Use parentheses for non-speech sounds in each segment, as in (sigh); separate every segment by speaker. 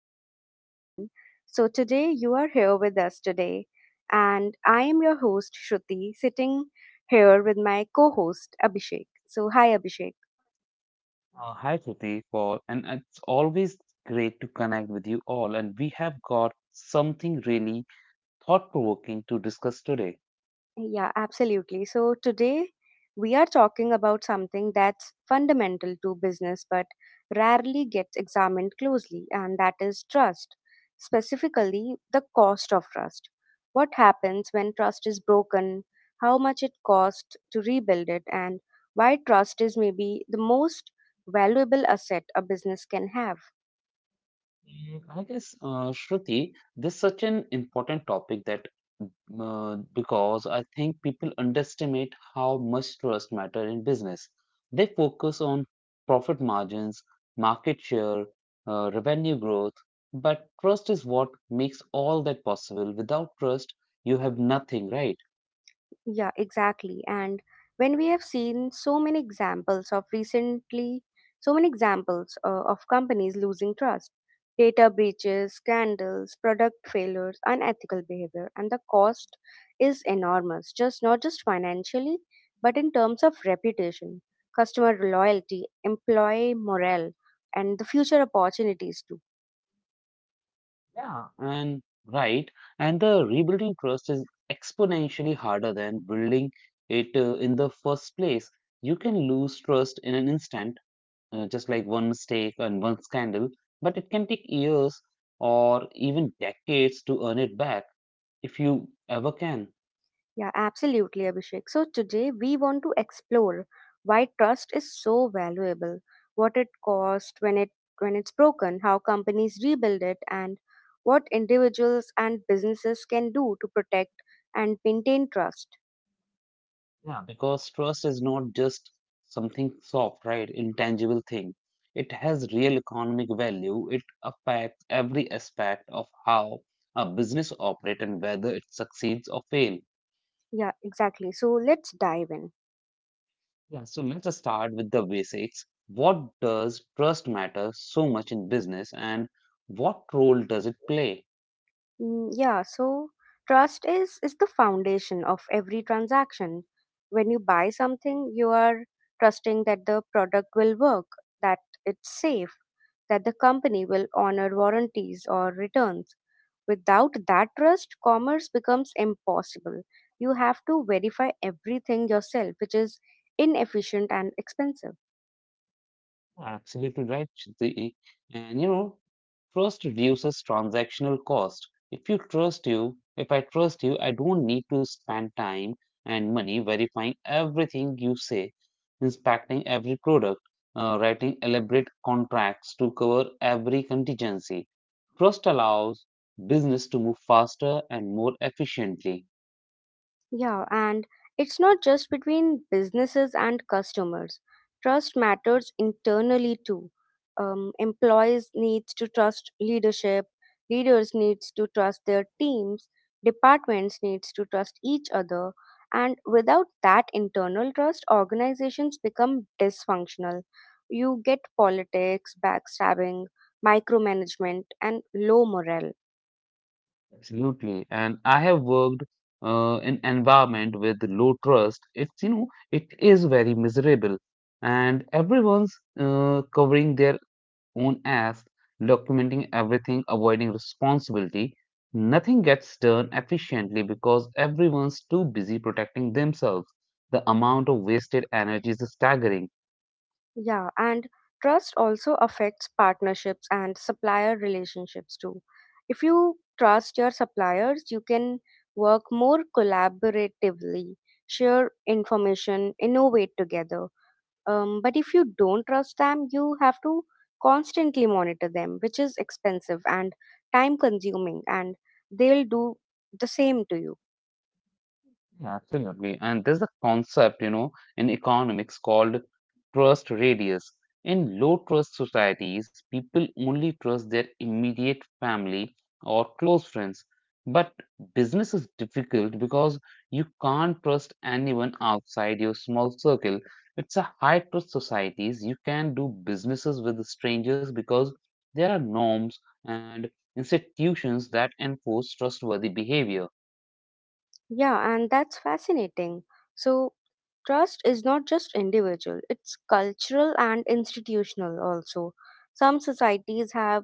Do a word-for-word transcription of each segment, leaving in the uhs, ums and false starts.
Speaker 1: the show, everyone. So today you are here with us today, and I am your host, Shruti, sitting here with my co host, Abhishek. So hi, Abhishek.
Speaker 2: Uh, hi, Shruti, Paul, and it's always great to connect with you all. And we have got something really thought-provoking to discuss today.
Speaker 1: Yeah, absolutely. So today we are talking about something that's fundamental to business but rarely gets examined closely, and that is trust, specifically the cost of trust. What happens when trust is broken, how much it costs to rebuild it, and why trust is maybe the most valuable asset a business can have.
Speaker 2: Mm, I guess, uh, Shruti, this is such an important topic that mm, uh, because I think people underestimate how much trust matter in business. They focus on profit margins, market share, uh, revenue growth, but trust is what makes all that possible. Without trust, you have nothing, right?
Speaker 1: Yeah, exactly. And when we have seen so many examples of recently, so many examples uh, of companies losing trust, data breaches, scandals, product failures, unethical behavior, and the cost is enormous, just not just financially, but in terms of reputation, customer loyalty, employee morale, and the future opportunities too.
Speaker 2: Yeah, and right. And the rebuilding trust is exponentially harder than building it uh, in the first place. You can lose trust in an instant, uh, just like one mistake and one scandal, but it can take years or even decades to earn it back if you ever can.
Speaker 1: Yeah, absolutely, Abhishek. So today we want to explore why trust is so valuable, what it costs when it when it's broken, how companies rebuild it, and what individuals and businesses can do to protect and maintain trust.
Speaker 2: Yeah, because trust is not just something soft, right? Intangible thing. It has real economic value. It affects every aspect of how a business operates and whether it succeeds or fails.
Speaker 1: Yeah, exactly. So let's dive in.
Speaker 2: Yeah, so let's start with the basics. What does trust matter so much in business and what role does it play?
Speaker 1: Mm, yeah, so trust is is the foundation of every transaction. When you buy something, you are trusting that the product will work, that it's safe, that the company will honor warranties or returns. Without that trust, commerce becomes impossible. You have to verify everything yourself, which is inefficient and expensive.
Speaker 2: Absolutely right, Shruti. And you know, trust reduces transactional cost. If you trust you, if I trust you, I don't need to spend time and money verifying everything you say, inspecting every product, uh, writing elaborate contracts to cover every contingency. Trust allows business to move faster and more efficiently.
Speaker 1: Yeah, and it's not just between businesses and customers. Trust matters internally too. Um, employees needs to trust leadership, leaders needs to trust their teams, departments needs to trust each other, and without that internal trust, organizations become dysfunctional. You get politics, backstabbing, micromanagement, and low morale.
Speaker 2: Absolutely. And I have worked uh, in environment with low trust. It's, you know, it is very miserable. And everyone's uh, covering their own ass, documenting everything, avoiding responsibility. Nothing gets done efficiently because everyone's too busy protecting themselves. The amount of wasted energy is staggering.
Speaker 1: Yeah, and trust also affects partnerships and supplier relationships too. If you trust your suppliers, you can work more collaboratively, share information, innovate together. Um, but if you don't trust them, you have to constantly monitor them, which is expensive and time consuming, and they'll do the same to you.
Speaker 2: Yeah, absolutely. And there's a concept, you know, in economics called trust radius. In low trust societies, people only trust their immediate family or close friends. But business is difficult because you can't trust anyone outside your small circle. It's a high trust societies. You can do businesses with strangers because there are norms and institutions that enforce trustworthy behavior.
Speaker 1: Yeah, and that's fascinating. So trust is not just individual, it's cultural and institutional also. Some societies have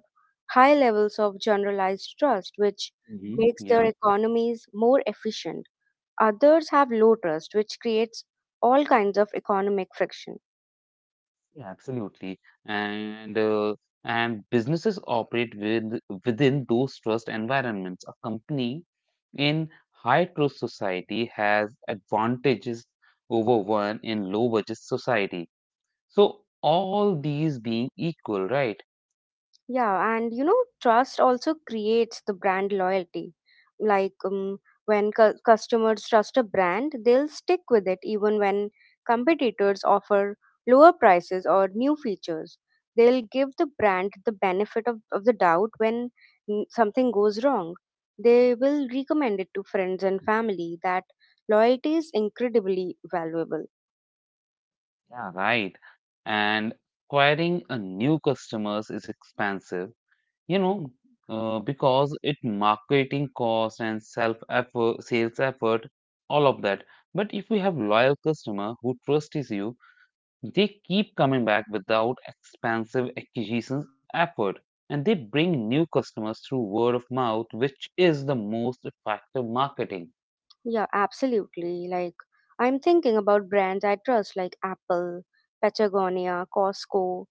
Speaker 1: high levels of generalized trust, which
Speaker 2: hmm
Speaker 1: makes their
Speaker 2: Yeah.
Speaker 1: economies more efficient. Others have low trust, which creates all kinds of economic friction.
Speaker 2: Yeah, absolutely. And uh, and businesses operate with within those trust environments. A company in high trust society has advantages over one in low budget society. So all these being equal, right?
Speaker 1: Yeah, and you know, trust also creates the brand loyalty. Like um, when cu- customers trust a brand, they'll stick with it even when competitors offer lower prices or new features. They'll give the brand the benefit of, of the doubt when mm, something goes wrong. They will recommend it to friends and family. That loyalty is incredibly valuable.
Speaker 2: Yeah, right. And acquiring a new customers is expensive. You know, uh, because it marketing cost and self effort, sales effort, all of that. But if you have loyal customer who trusts you, they keep coming back without expensive acquisitions effort, and they bring new customers through word of mouth, which is the most effective marketing.
Speaker 1: Yeah, absolutely. Like, I'm thinking about brands I trust, like Apple, Patagonia, Costco.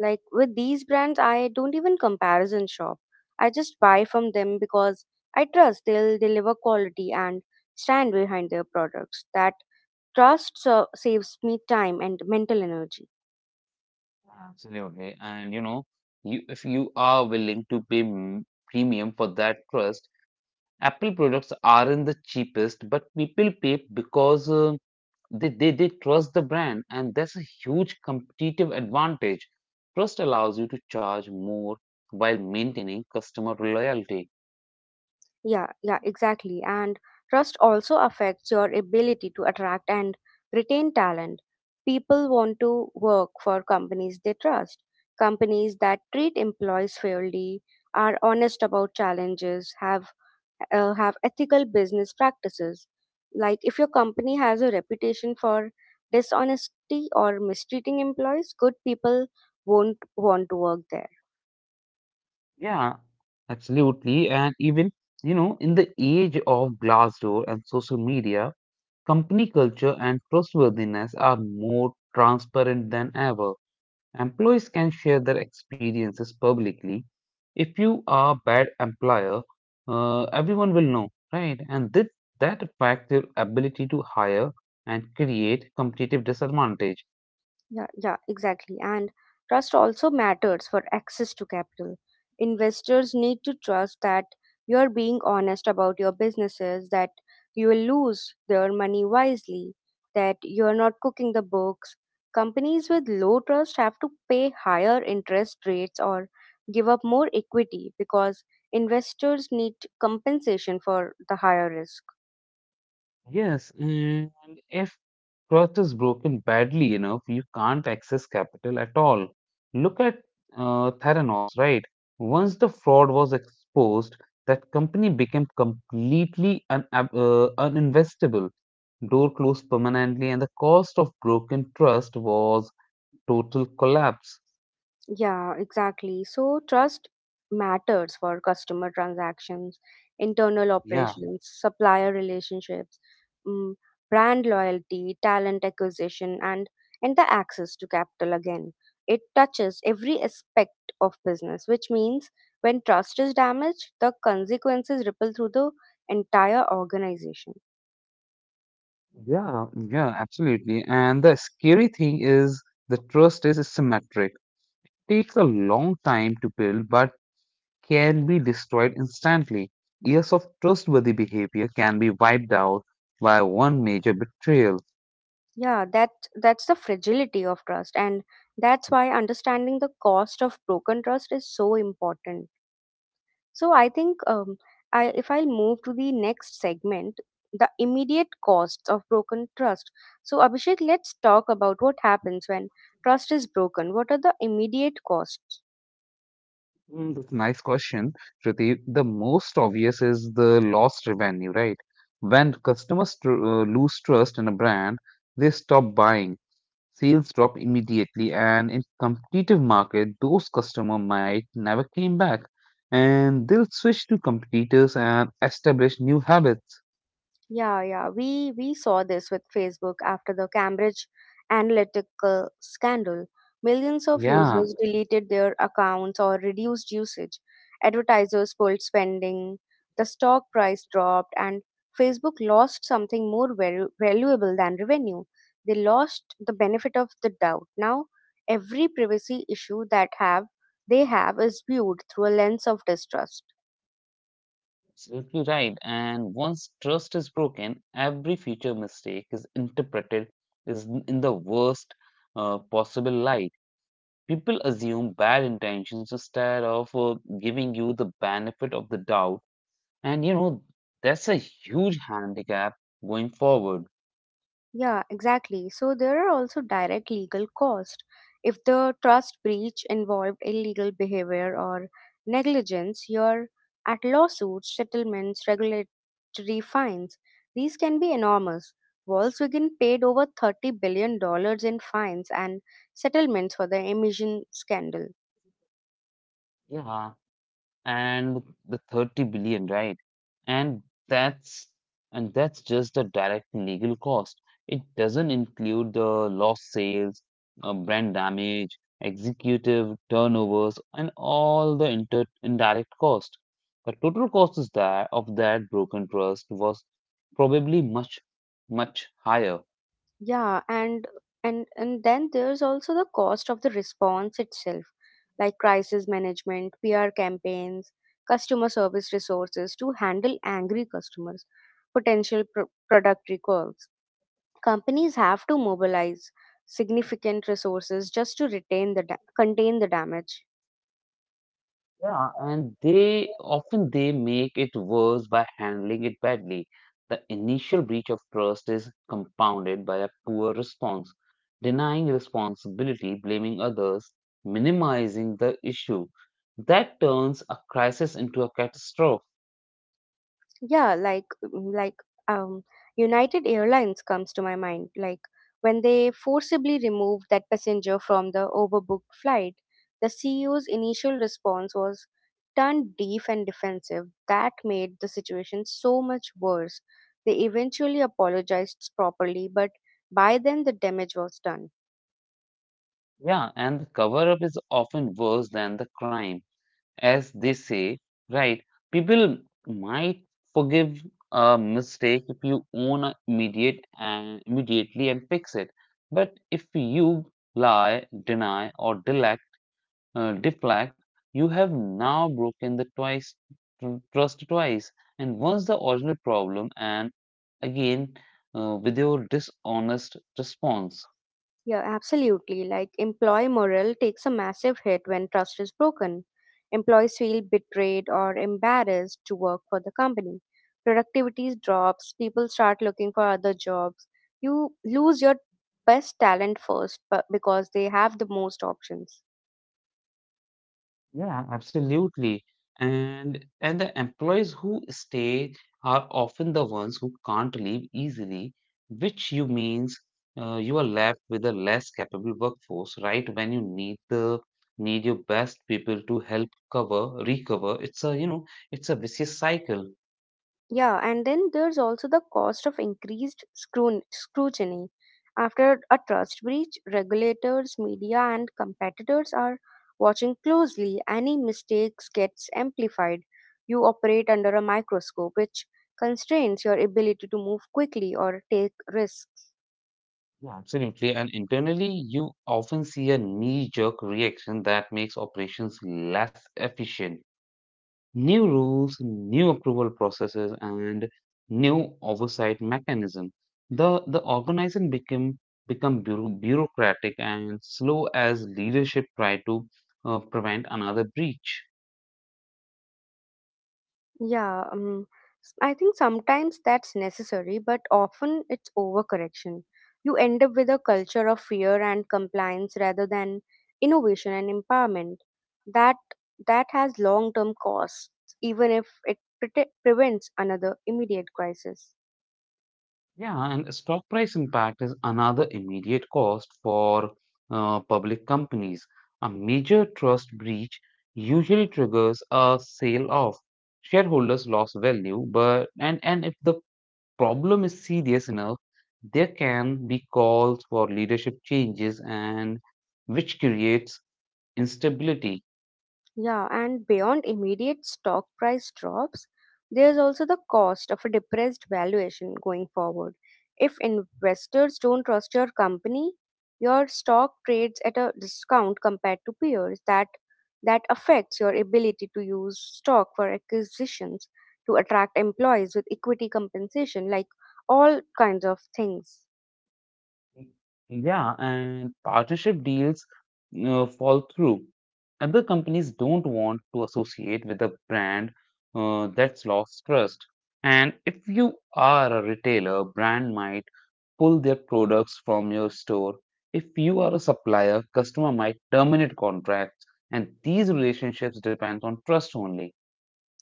Speaker 1: Like, with these brands, I don't even comparison shop. I just buy from them because I trust they'll deliver quality and stand behind their products. That trust so saves me time and mental energy.
Speaker 2: Yeah. Absolutely. And you know, you if you are willing to pay m- premium for that trust, Apple products aren't the cheapest, but people pay because uh, They, they, they trust the brand, and that's a huge competitive advantage. Trust allows you to charge more while maintaining customer loyalty.
Speaker 1: Yeah, yeah, exactly. And trust also affects your ability to attract and retain talent. People want to work for companies they trust. Companies that treat employees fairly, are honest about challenges, have uh, have ethical business practices. Like if your company has a reputation for dishonesty or mistreating employees, good people won't want to work there.
Speaker 2: Yeah, absolutely. And even, you know, in the age of Glassdoor and social media, company culture and trustworthiness are more transparent than ever. Employees can share their experiences publicly. If you are a bad employer, uh, everyone will know, right? And this, that affects your ability to hire and create competitive disadvantage.
Speaker 1: Yeah, yeah, exactly. And trust also matters for access to capital. Investors need to trust that you are being honest about your businesses, that you will lose their money wisely, that you are not cooking the books. Companies with low trust have to pay higher interest rates or give up more equity because investors need compensation for the higher risk.
Speaker 2: Yes, and if Trust is broken badly enough, you can't access capital at all. Look at uh, Theranos, right? Once the fraud was exposed, that company became completely un- uh, uninvestable. Door closed permanently, and the cost of broken trust was total collapse.
Speaker 1: Yeah, exactly. So trust matters for customer transactions, internal
Speaker 2: Yeah,
Speaker 1: operations, supplier relationships, mm, brand loyalty, talent acquisition, and and the access to capital again. It touches every aspect of business, which means when trust is damaged, the consequences ripple through the entire organization.
Speaker 2: yeah, yeah, absolutely. And the scary thing is the trust is asymmetric. Takes a long time to build, but can be destroyed instantly. Years of trustworthy behavior can be wiped out by one major betrayal.
Speaker 1: Yeah, that that's the fragility of trust, and that's why understanding the cost of broken trust is so important. So I think um, I, if I'll move to the next segment, the immediate costs of broken trust. So Abhishek, let's talk about what happens when trust is broken. What are the immediate costs?
Speaker 2: Mm, That's a nice question, Shruti. The most obvious is the lost revenue, right? When customers tr- uh, lose trust in a brand, they stop buying. Sales drop immediately, and in competitive market, those customers might never came back, and they'll switch to competitors and establish new habits.
Speaker 1: Yeah, yeah. We we saw this with Facebook after the Cambridge Analytica scandal. Millions of
Speaker 2: Yeah.
Speaker 1: users deleted their accounts or reduced usage. Advertisers pulled spending, the stock price dropped, and Facebook lost something more valu- valuable than revenue. They lost the benefit of the doubt. Now, every privacy issue that have they have is viewed through a lens of distrust.
Speaker 2: Absolutely right. And once trust is broken, every future mistake is interpreted is n- in the worst uh, possible light. People assume bad intentions instead of uh, giving you the benefit of the doubt. And you know, that's a huge handicap going forward.
Speaker 1: Yeah, exactly. So there are also direct legal costs. If the trust breach involved illegal behavior or negligence, you're at lawsuits, settlements, regulatory fines. These can be enormous. Volkswagen paid over thirty billion dollars in fines and settlements for the emission scandal.
Speaker 2: Yeah. And the thirty billion, right? And that's and that's just the direct legal cost. It doesn't include the lost sales, uh, brand damage, executive turnovers, and all the inter indirect cost. The total cost is that of that broken trust was probably much, much higher.
Speaker 1: Yeah, and and and then there's also the cost of the response itself, like crisis management, P R campaigns, customer service resources to handle angry customers, potential pro- product recalls. Companies have to mobilize significant resources just to retain the da- contain the damage.
Speaker 2: Yeah, and they often they make it worse by handling it badly. The initial breach of trust is compounded by a poor response, denying responsibility, blaming others, minimizing the issue. That turns a crisis into a catastrophe.
Speaker 1: Yeah, like mm, like um United Airlines comes to my mind, like when they forcibly removed that passenger from the overbooked flight, the C E O's initial response was turned deaf and defensive. That made the situation so much worse. They eventually apologized properly, but by then the damage was done.
Speaker 2: Yeah, and the cover up is often worse than the crime, as they say, right? People might forgive a mistake if you own a immediate and immediately and fix it, but if you lie, deny, or delect, uh, deflect, you have now broken the twice tr- trust twice, and once the original problem, and again uh, with your dishonest response.
Speaker 1: Yeah, absolutely. Like employee morale takes a massive hit when trust is broken. Employees feel betrayed or embarrassed to work for the company. Productivity drops, people start looking for other jobs. You lose your best talent first bu- because they have the most options.
Speaker 2: Yeah, absolutely. And and the employees who stay are often the ones who can't leave easily, which you means uh, you are left with a less capable workforce, right? When you need the need your best people to help cover, recover. It's a, you know, it's a vicious cycle.
Speaker 1: Yeah, and then there's also the cost of increased scrun- scrutiny. After a trust breach, regulators, media, and competitors are watching closely. Any mistakes gets amplified. You operate under a microscope, which constrains your ability to move quickly or take risks.
Speaker 2: Yeah, absolutely. And internally, you often see a knee-jerk reaction that makes operations less efficient. New rules, new approval processes, and new oversight mechanism. The the organization became become bureau- bureaucratic and slow as leadership tried to uh, prevent another breach.
Speaker 1: Yeah, um, s- I think sometimes that's necessary, but often it's overcorrection. You end up with a culture of fear and compliance rather than innovation and empowerment. That that has long-term costs, even if it prete- prevents another immediate crisis.
Speaker 2: Yeah, and stock price impact is another immediate cost for uh, public companies. A major trust breach usually triggers a sale off. Shareholders lost value, but and and if the problem is serious enough, there can be calls for leadership changes and which creates instability.
Speaker 1: Yeah, and beyond immediate stock price drops, there's also the cost of a depressed valuation going forward. If investors don't trust your company, your stock trades at a discount compared to peers. That that affects your ability to use stock for acquisitions, to attract employees with equity compensation, like all kinds of things.
Speaker 2: Yeah, and partnership deals uh, fall through. Other companies don't want to associate with a brand uh, that's lost trust. And if you are a retailer, brand might pull their products from your store. If you are a supplier, customer might terminate contracts, and these relationships depend on trust only.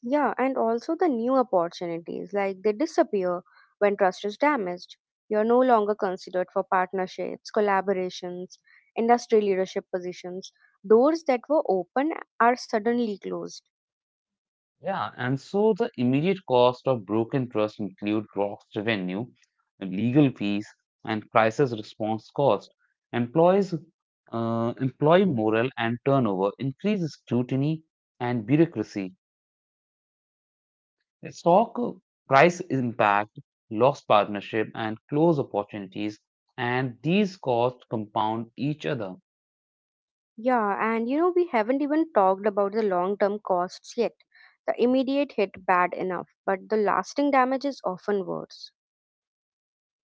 Speaker 1: Yeah, and also the new opportunities, like they disappear when trust is damaged. You're no longer considered for partnerships, collaborations, industry leadership positions. Doors that were open are suddenly closed.
Speaker 2: Yeah, and so the immediate cost of broken trust include lost revenue, legal fees, and crisis response cost. Employees, uh, Employee morale and turnover, increased scrutiny and bureaucracy. Stock price impact, lost partnership, and close opportunities, and these costs compound each other.
Speaker 1: Yeah, and you know, we haven't even talked about the long term costs yet. The immediate hit bad enough, but the lasting damage is often worse.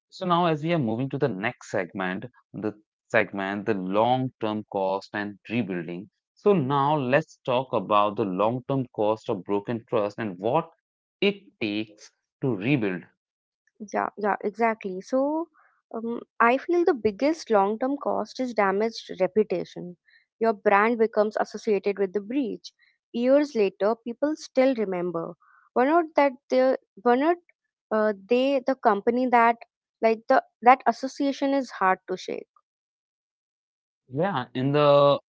Speaker 2: So now, as we are moving to the next segment, the segment, the long-term cost and rebuilding. So now let's talk about the long-term cost of broken trust and what it takes to rebuild.
Speaker 1: Yeah, yeah, exactly. So um, I feel the biggest long term cost is damaged reputation. Your brand becomes associated with the breach. Years later, people still remember. Were not that the were not uh, they the company that like the that association is hard to shake.
Speaker 2: Yeah, in the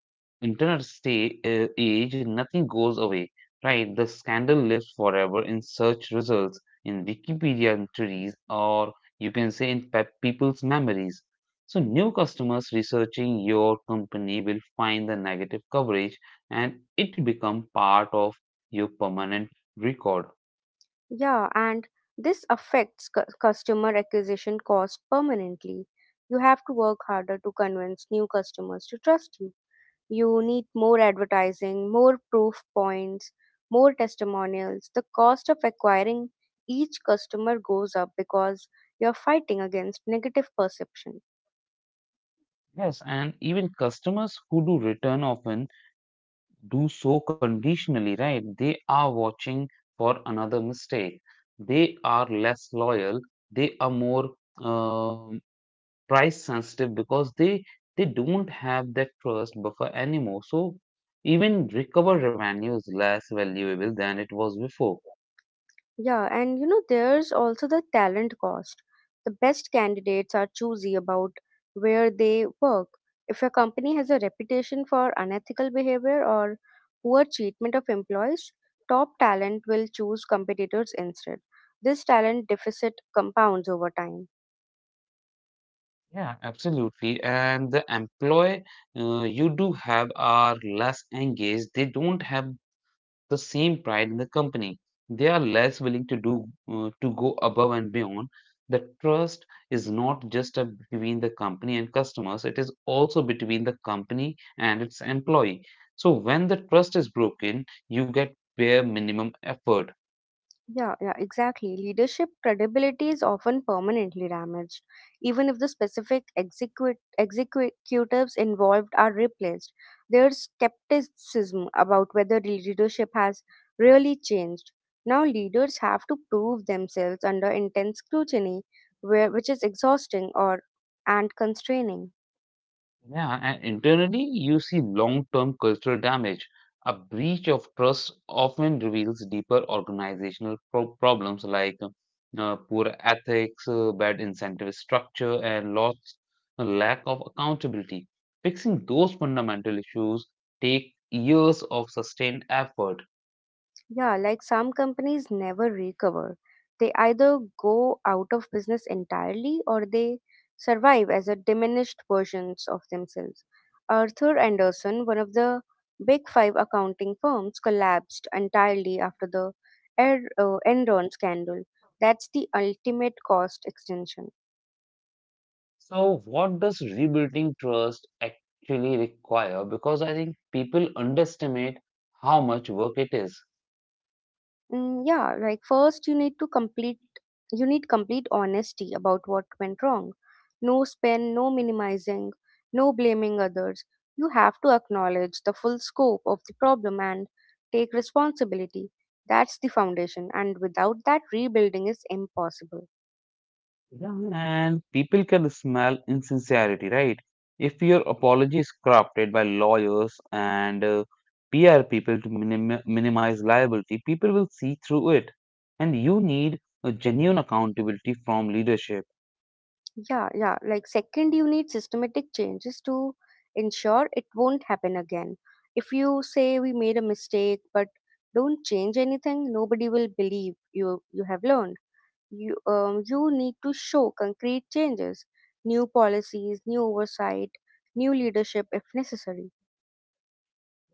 Speaker 2: internet stay, uh, age, nothing goes away, right? The scandal lives forever in search results, in Wikipedia entries, or you can say in pe- people's memories. So, new customers researching your company will find the negative coverage and it become part of your permanent record.
Speaker 1: Yeah, and this affects cu- customer acquisition cost permanently. You have to work harder to convince new customers to trust you. You need more advertising, more proof points, more testimonials. The cost of acquiring each customer goes up because you're fighting against negative perception.
Speaker 2: Yes, and even customers who do return often do so conditionally, right? They are watching for another mistake. They are less loyal. They are more um price sensitive because they they don't have that trust buffer anymore. So even recover revenue is less valuable than it was before.
Speaker 1: Yeah, and you know, there's also the talent cost. The best candidates are choosy about where they work. If your company has a reputation for unethical behavior or poor treatment of employees, top talent will choose competitors instead. This talent deficit compounds over time.
Speaker 2: Yeah, absolutely. And the employee uh, you do have are less engaged. They don't have the same pride in the company. They are less willing to do uh, to go above and beyond. The trust is not just a, between the company and customers; it is also between the company and its employee. So when the trust is broken, you get bare minimum effort.
Speaker 1: Yeah, yeah, exactly. Leadership credibility is often permanently damaged, even if the specific execu- executives involved are replaced. There's skepticism about whether the leadership has really changed. Now, leaders have to prove themselves under intense scrutiny, where, which is exhausting or and constraining.
Speaker 2: Yeah, and internally, you see long-term cultural damage. A breach of trust often reveals deeper organizational pro- problems like uh, poor ethics, uh, bad incentive structure, and lots a lack of accountability. Fixing those fundamental issues take years of sustained effort.
Speaker 1: Yeah, like some companies never recover. They either go out of business entirely or they survive as a diminished versions of themselves. Arthur Anderson, one of the big five accounting firms, collapsed entirely after the Er- uh, Enron scandal. That's the ultimate cost extension.
Speaker 2: So, what does rebuilding trust actually require? Because I think people underestimate how much work it is.
Speaker 1: Mm, yeah, like first you need to complete you need complete honesty about what went wrong. No spin, no minimizing, no blaming others. You have to acknowledge the full scope of the problem and take responsibility. That's the foundation, and without that, rebuilding is impossible.
Speaker 2: Yeah, and people can smell insincerity, right? If your apology is crafted by lawyers and uh, P R people to minim minimize liability, people will see through it. And you need a genuine accountability from leadership.
Speaker 1: Yeah, yeah. Like, second, you need systematic changes to ensure it won't happen again. If you say we made a mistake, but don't change anything, nobody will believe you you have learned. You um, you need to show concrete changes, new policies, new oversight, new leadership if necessary.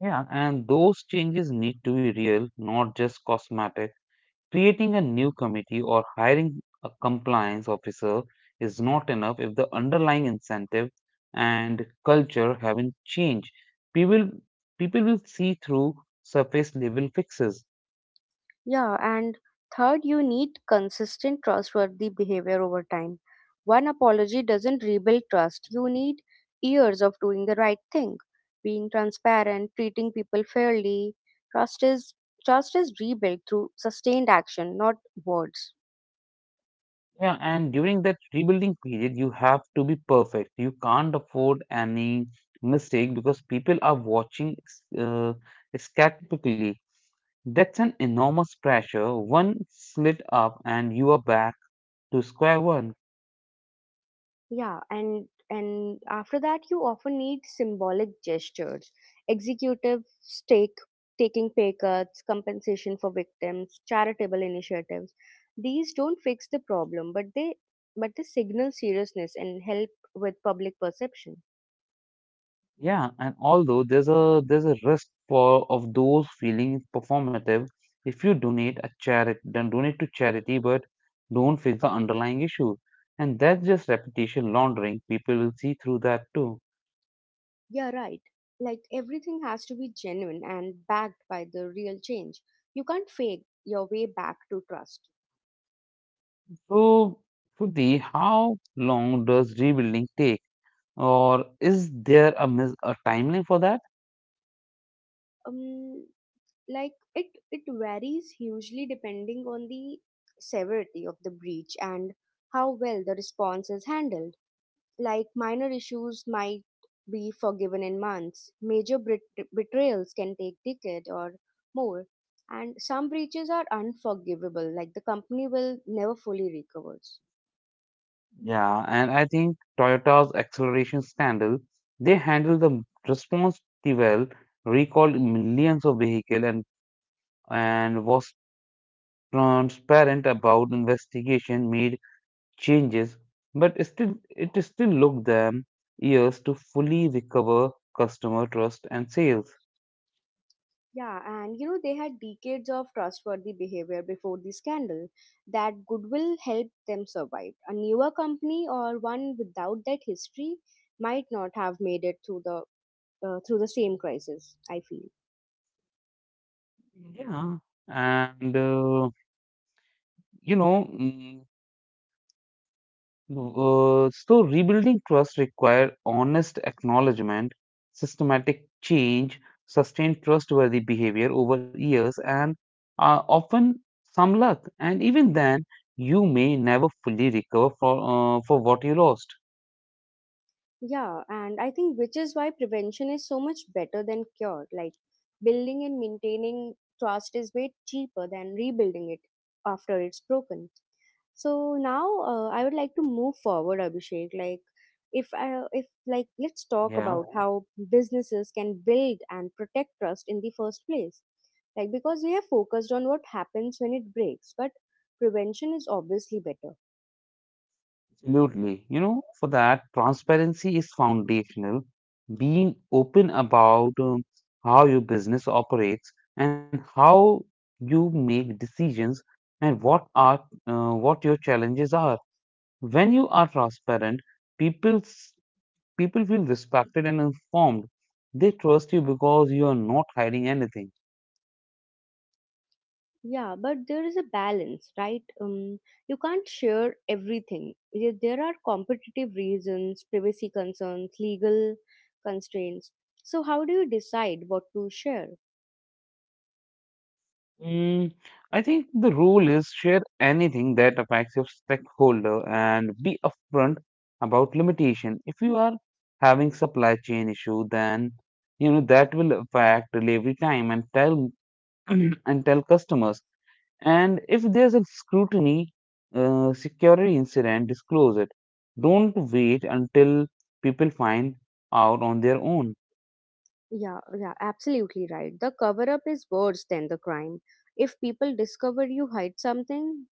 Speaker 2: Yeah, and those changes need to be real, not just cosmetic. Creating a new committee or hiring a compliance officer is not enough if the underlying incentive and culture haven't changed. People, People will see through surface level fixes.
Speaker 1: Yeah, and third, you need consistent trustworthy behavior over time. One apology doesn't rebuild trust. You need years of doing the right thing, being transparent, treating people fairly. Trust is trust is rebuilt through sustained action, not words.
Speaker 2: Yeah, and during that rebuilding period, you have to be perfect. You can't afford any mistake because people are watching uh, skeptically. That's an enormous pressure. One slip up, and you are back to square one.
Speaker 1: Yeah, and and after that, you often need symbolic gestures, executives take taking pay cuts, compensation for victims, charitable initiatives. These don't fix the problem, but they but they signal seriousness and help with public perception.
Speaker 2: Yeah, and although there's a there's a risk for of those feeling performative if you donate a charity then donate to charity but don't fix the underlying issue. And that's just reputation laundering. People will see through that too.
Speaker 1: Yeah, right. Like everything has to be genuine and backed by the real change. You can't fake your way back to trust.
Speaker 2: So, Shruti, how long does rebuilding take? Or is there a, mis- a timeline for that?
Speaker 1: Um, like it it varies hugely depending on the severity of the breach and how well the response is handled. Like minor issues might be forgiven in months, major bet- betrayals can take decade or more, and some breaches are unforgivable, like the company will never fully recovers.
Speaker 2: Yeah, and I think Toyota's acceleration scandal, they handled the response pretty well, recalled millions of vehicles and and was transparent about investigation made changes, but still it still took them years to fully recover customer trust and sales.
Speaker 1: Yeah, and you know, they had decades of trustworthy behavior before the scandal. That goodwill helped them survive. A newer company or one without that history might not have made it through the uh, through the same crisis, I feel.
Speaker 2: Yeah, and uh, you know. mm, No. Uh, so rebuilding trust requires honest acknowledgement, systematic change, sustained trustworthy behavior over years, and uh, often some luck. And even then, you may never fully recover for uh, for what you lost.
Speaker 1: Yeah, and I think which is why prevention is so much better than cure. Like building and maintaining trust is way cheaper than rebuilding it after it's broken. So now uh, I would like to move forward, Abhishek. Like if I, if like let's talk
Speaker 2: Yeah.
Speaker 1: about how businesses can build and protect trust in the first place, like because we have focused on what happens when it breaks, but prevention is obviously better.
Speaker 2: Absolutely. You know, for that, transparency is foundational. Being open about um, how your business operates and how you make decisions and what are uh, what your challenges are. When you are transparent, people s- people feel respected and informed. They trust you because you are not hiding anything.
Speaker 1: Yeah, but there is a balance, right? Um, you can't share everything. There there are competitive reasons, privacy concerns, legal constraints. So, how do you decide what to share?
Speaker 2: Mm, I think the rule is share anything that affects your stakeholder and be upfront about limitation. If you are having supply chain issue, then you know that will affect delivery time and tell (clears throat) and tell customers. And if there's a scrutiny uh, security incident, disclose it. Don't wait until people find out on their own.
Speaker 1: Yeah, yeah, absolutely right. The cover up is worse than the crime. If people discover you hide something,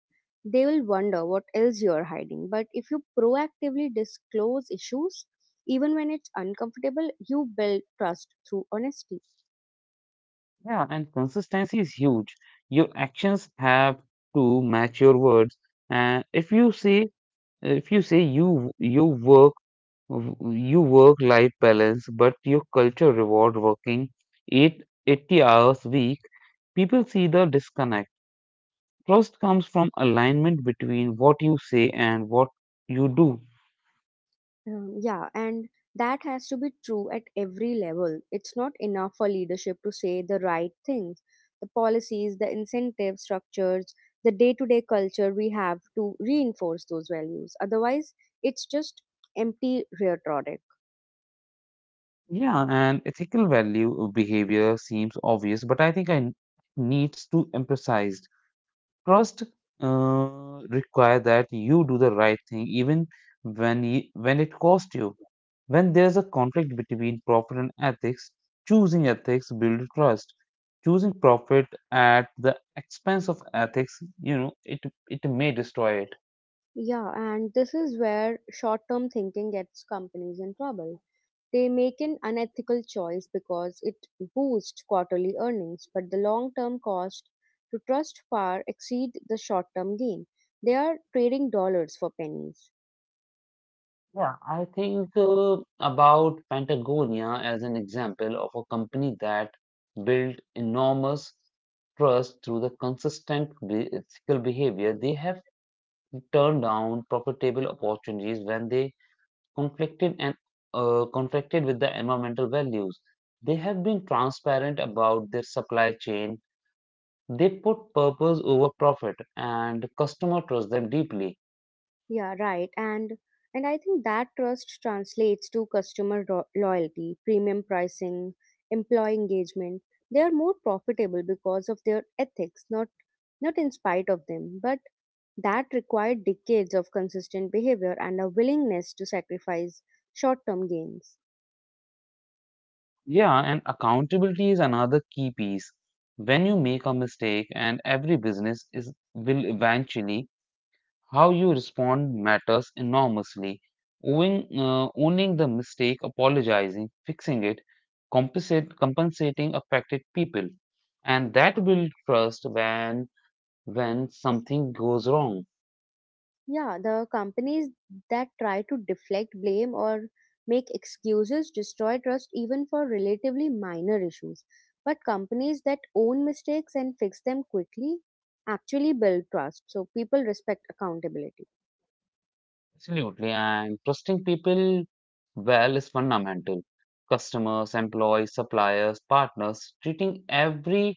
Speaker 1: they will wonder what else you are hiding. But if you proactively disclose issues, even when it's uncomfortable, you build trust through honesty.
Speaker 2: Yeah, and consistency is huge. Your actions have to match your words. And if you say if you say you you work you work life balance, but your culture reward working eight eighty hours a week, people see the disconnect. Trust comes from alignment between what you say and what you do.
Speaker 1: Um, yeah, and that has to be true at every level. It's not enough for leadership to say the right things. The policies, the incentive structures, the day to day culture we have to reinforce those values. Otherwise, it's just empty rhetoric.
Speaker 2: Yeah, and ethical value behavior seems obvious, but I think I n- needs to emphasize. Trust uh, require that you do the right thing even when you, when it costs you. When there's a conflict between profit and ethics, choosing ethics builds trust. Choosing profit at the expense of ethics, you know, it it may destroy it.
Speaker 1: Yeah, and this is where short term thinking gets companies in trouble. They make an unethical choice because it boosts quarterly earnings, but the long term cost to trust far exceed the short term gain. They are trading dollars for pennies.
Speaker 2: Yeah, I think uh, about Patagonia as an example of a company that built enormous trust through the consistent be- ethical behavior. They have turned down profitable opportunities when they conflicted and uh, conflicted with the environmental values. They have been transparent about their supply chain. They put purpose over profit, and customer trust them deeply.
Speaker 1: Yeah, right. And and I think that trust translates to customer ro- loyalty, premium pricing, employee engagement. They are more profitable because of their ethics, not not in spite of them, but that required decades of consistent behavior and a willingness to sacrifice short term gains.
Speaker 2: Yeah, and accountability is another key piece. When you make a mistake, and every business is will eventually, how you respond matters enormously. Owing, uh, owning the mistake, apologizing, fixing it, compensate, compensating affected people, and that build trust when when something goes wrong.
Speaker 1: Yeah, the companies that try to deflect blame or make excuses destroy trust even for relatively minor issues. But companies that own mistakes and fix them quickly actually build trust, so people respect accountability.
Speaker 2: Absolutely, and trusting people well is fundamental. Customers, employees, suppliers, partners, treating everyone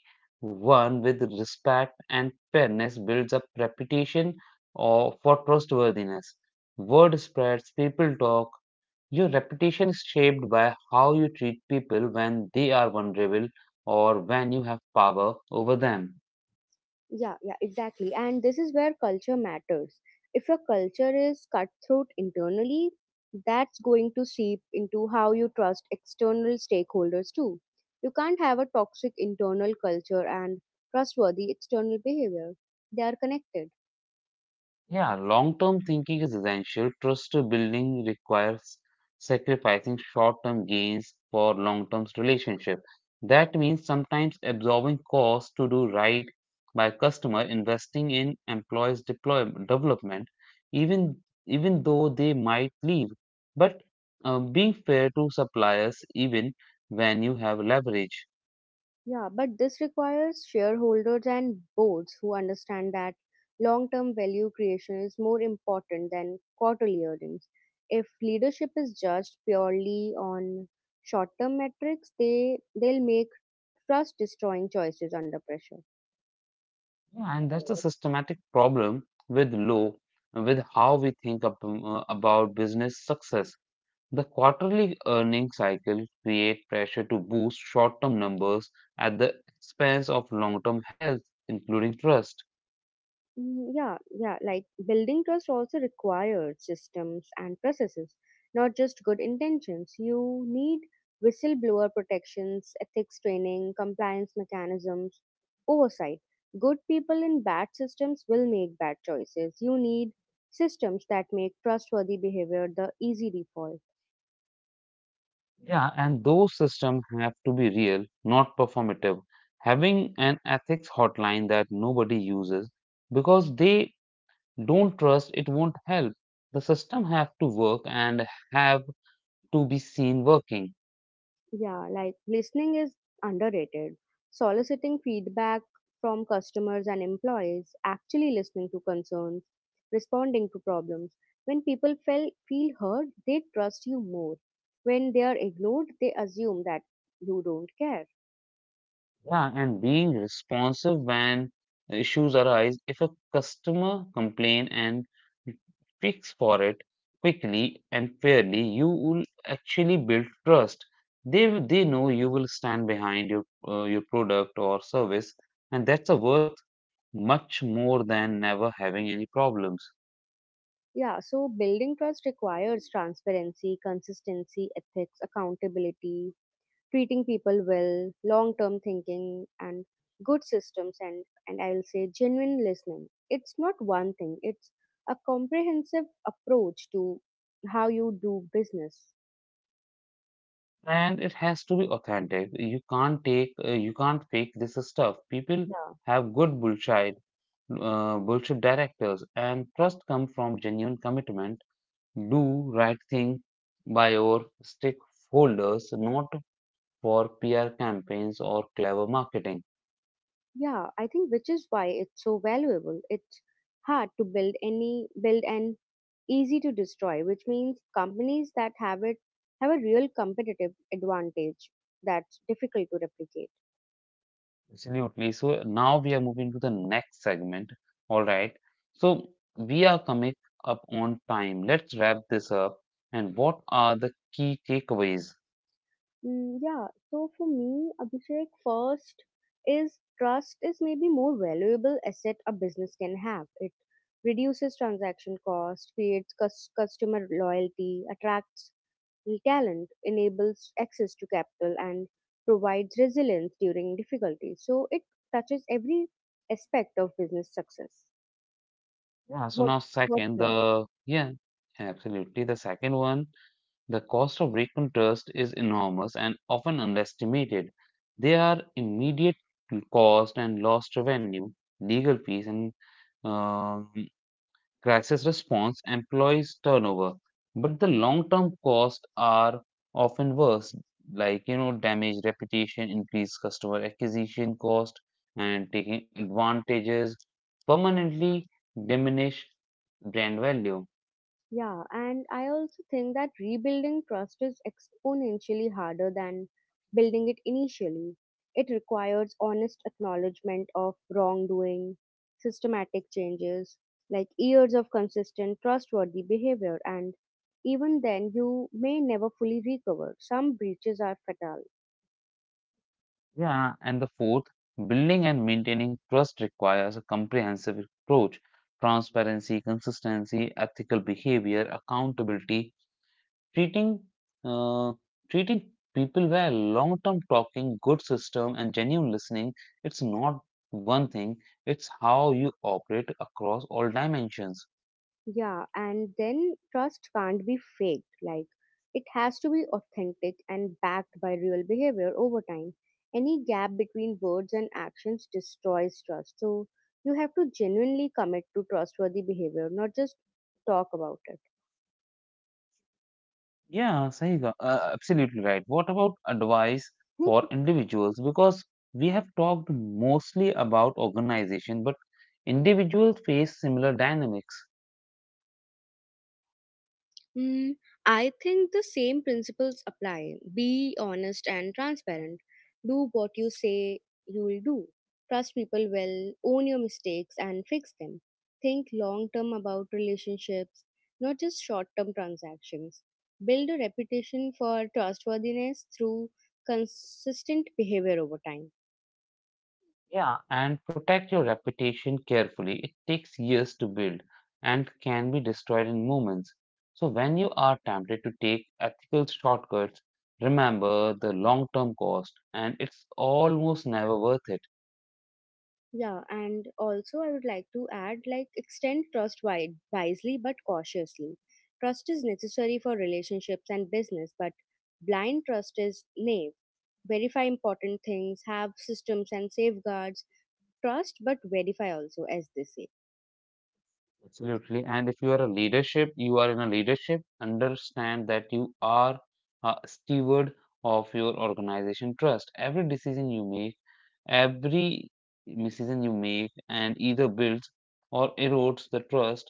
Speaker 2: with respect and fairness builds up reputation or for trustworthiness. Word spreads, people talk. Your reputation is shaped by how you treat people when they are vulnerable or when you have power over them.
Speaker 1: Yeah, yeah, exactly. And this is where culture matters. If your culture is cutthroat internally, that's going to seep into how you trust external stakeholders too. You can't have a toxic internal culture and trustworthy external behavior. They are connected.
Speaker 2: Yeah, long-term thinking is essential. Trust building requires sacrificing short-term gains for long-term relationship. That means sometimes absorbing costs to do right by customer, investing in employees' deploy development, even even though they might leave. But uh, being fair to suppliers even when you have leverage.
Speaker 1: Yeah, but this requires shareholders and boards who understand that long term value creation is more important than quarterly earnings. If leadership is judged purely on short term metrics, they, they'll make trust destroying choices under pressure.
Speaker 2: Yeah, and that's a systematic problem with low, with how we think ab- uh, about business success. The quarterly earning cycle create pressure to boost short-term numbers at the expense of long-term health, including trust.
Speaker 1: Mm, Yeah, yeah, like building trust also requires systems and processes, not just good intentions. You need whistleblower protections, ethics training, compliance mechanisms, oversight. Good people in bad systems will make bad choices. You need systems that make trustworthy behavior the easy default.
Speaker 2: Yeah, and those systems have to be real, not performative. Having an ethics hotline that nobody uses because they don't trust it won't help. The system have to work and have to be seen working.
Speaker 1: Yeah, like listening is underrated. Soliciting feedback from customers and employees, actually listening to concerns, responding to problems. When people feel, feel heard, they trust you more. When they are ignored, they assume that you don't care.
Speaker 2: Yeah, and being responsive when issues arise. If a customer complain and fix for it quickly and fairly, you will actually build trust. They will- they know you will stand behind your uh, your product or service, and that's a worth much more than never having any problems.
Speaker 1: Yeah, so building trust requires transparency, consistency, ethics, accountability, treating people well, long term thinking, and good systems, and, and I'll say genuine listening. It's not one thing, it's a comprehensive approach to how you do business.
Speaker 2: And it has to be authentic. You can't take uh, you can't fake this stuff. People
Speaker 1: Yeah.
Speaker 2: have good bullshit uh, bullshit directors, and trust come from genuine commitment, do right thing by your stakeholders, not for PR campaigns or clever marketing.
Speaker 1: Yeah, I think which is why it's so valuable. It's hard to build any build and easy to destroy, which means companies that have it have a real competitive advantage that's difficult to replicate.
Speaker 2: Absolutely. So now we are moving to the next segment. All right, so we are coming up on time. Let's wrap this up, and what are the key takeaways?
Speaker 1: Mm, yeah, so for me, Abhishek, first is trust is maybe more valuable asset a business can have. It reduces transaction cost, creates cus- customer loyalty, attracts talent, enables access to capital, and provides resilience during difficulties. So it touches every aspect of business success.
Speaker 2: Yeah, so
Speaker 1: What
Speaker 2: now
Speaker 1: what's
Speaker 2: second,
Speaker 1: your—
Speaker 2: the yeah, absolutely. The second one, the cost of recon trust is enormous and often underestimated. There are immediate cost and lost revenue, legal fees, and um, crisis response, employees turnover. But the long-term costs are often worse, like you know, damage, reputation, increased customer acquisition cost, and taking advantages permanently diminish brand value.
Speaker 1: Yeah, and I also think that rebuilding trust is exponentially harder than building it initially. It requires honest acknowledgement of wrongdoing, systematic changes, like years of consistent trustworthy behavior, and even then you may never fully recover. Some breaches are fatal.
Speaker 2: Yeah, and the fourth, building and maintaining trust requires a comprehensive approach. Transparency, consistency, ethical behavior, accountability, treating uh, treating people well, long-term talking, good system, and genuine listening. It's not one thing; it's how you operate across all dimensions.
Speaker 1: Yeah, and then trust can't be faked. Like, it has to be authentic and backed by real behavior over time. Any gap between words and actions destroys trust. So, you have to genuinely commit to trustworthy behavior, not just talk about it.
Speaker 2: Yeah, Sahiga, uh, absolutely right. What about advice for
Speaker 1: (laughs)
Speaker 2: individuals? Because we have talked mostly about organization, but individuals face similar dynamics.
Speaker 1: Mm, I think the same principles apply. Be honest and transparent. Do what you say you will do. Trust people well, own your mistakes and fix them. Think long term about relationships, not just short term transactions. Build a reputation for trustworthiness through consistent behavior over time.
Speaker 2: Yeah, and protect your reputation carefully. It takes years to build and can be destroyed in moments. So when you are tempted to take ethical shortcuts, remember the long-term cost, and it's almost never worth it.
Speaker 1: Yeah, and also I would like to add like extend trust wide, wisely but cautiously. Trust is necessary for relationships and business, but blind trust is naive. Verify important things, have systems and safeguards. Trust but verify also, as they say.
Speaker 2: Absolutely. And if you are a leadership, you are in a leadership, understand that you are a steward of your organization trust. Every decision you make, every decision you make, and either builds or erodes the trust,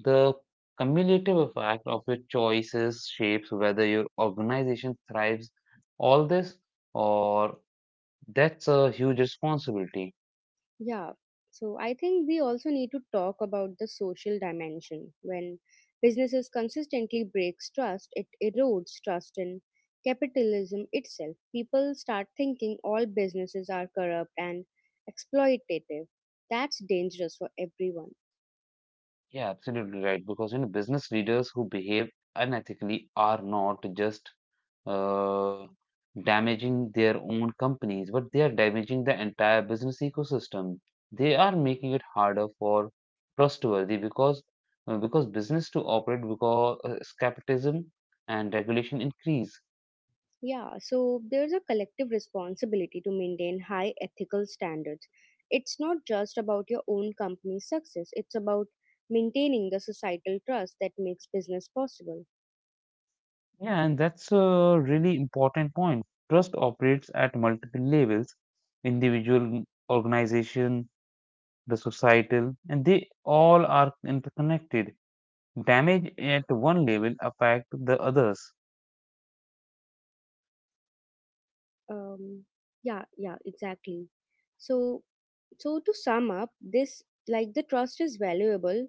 Speaker 2: the cumulative effect of your choices shapes whether your organization thrives. All this, or that's a huge responsibility.
Speaker 1: Yeah. So I think we also need to talk about the social dimension. When businesses consistently breaks trust, it erodes trust in capitalism itself. People start thinking all businesses are corrupt and exploitative. That's dangerous for everyone.
Speaker 2: Yeah, absolutely right. Because you know, business leaders who behave unethically are not just uh, damaging their own companies, but they are damaging the entire business ecosystem. They are making it harder for trustworthy because uh, because business to operate because uh, skepticism and regulation increase.
Speaker 1: Yeah, so there's a collective responsibility to maintain high ethical standards. It's not just about your own company's success, it's about maintaining the societal trust that makes business possible.
Speaker 2: Yeah, and that's a really important point. Trust operates at multiple levels, individual, organization, the societal, and they all are interconnected. Damage at one level affect the others.
Speaker 1: um yeah, yeah, exactly. So so to sum up this, like the trust is valuable,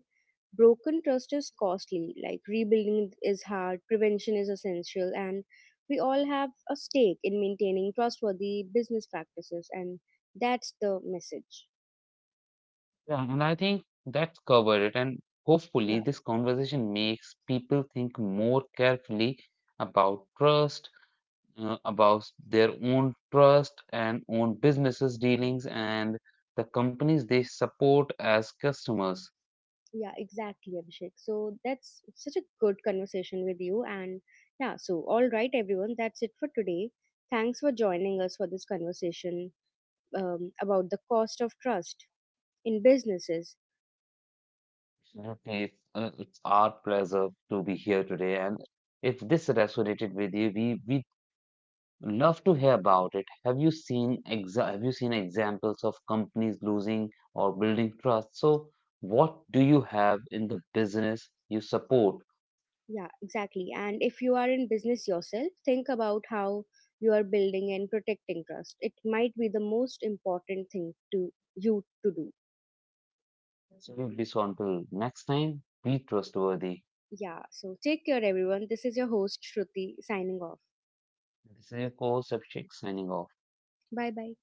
Speaker 1: broken trust is costly, like rebuilding is hard, prevention is essential, and we all have a stake in maintaining trustworthy business practices, and that's the message.
Speaker 2: Yeah, and I think that's covered it. And
Speaker 1: Yeah,
Speaker 2: hopefully, this conversation makes people think more carefully about trust, uh, about their own trust and own businesses dealings, and the companies they support as customers.
Speaker 1: yeah, exactly, Abhishek, so that's such a good conversation with you. And yeah, so all right everyone, that's it for today. Thanks for joining us for this conversation um, about the cost of trust in businesses.
Speaker 2: Absolutely. It's, uh, it's our pleasure to be here today, and if this resonated with you, we we love to hear about it. Have you seen exa- have you seen examples of companies losing or building trust? So, what do you have in the business you support?
Speaker 1: Yeah, exactly. And if you are in business yourself, think about how you are building and protecting trust. It might be the most important thing to you to do.
Speaker 2: So, we so until next time, be trustworthy.
Speaker 1: Yeah, so take care, everyone. This is your host, Shruti, signing off.
Speaker 2: This is your co-host Abhishek signing off.
Speaker 1: Bye bye.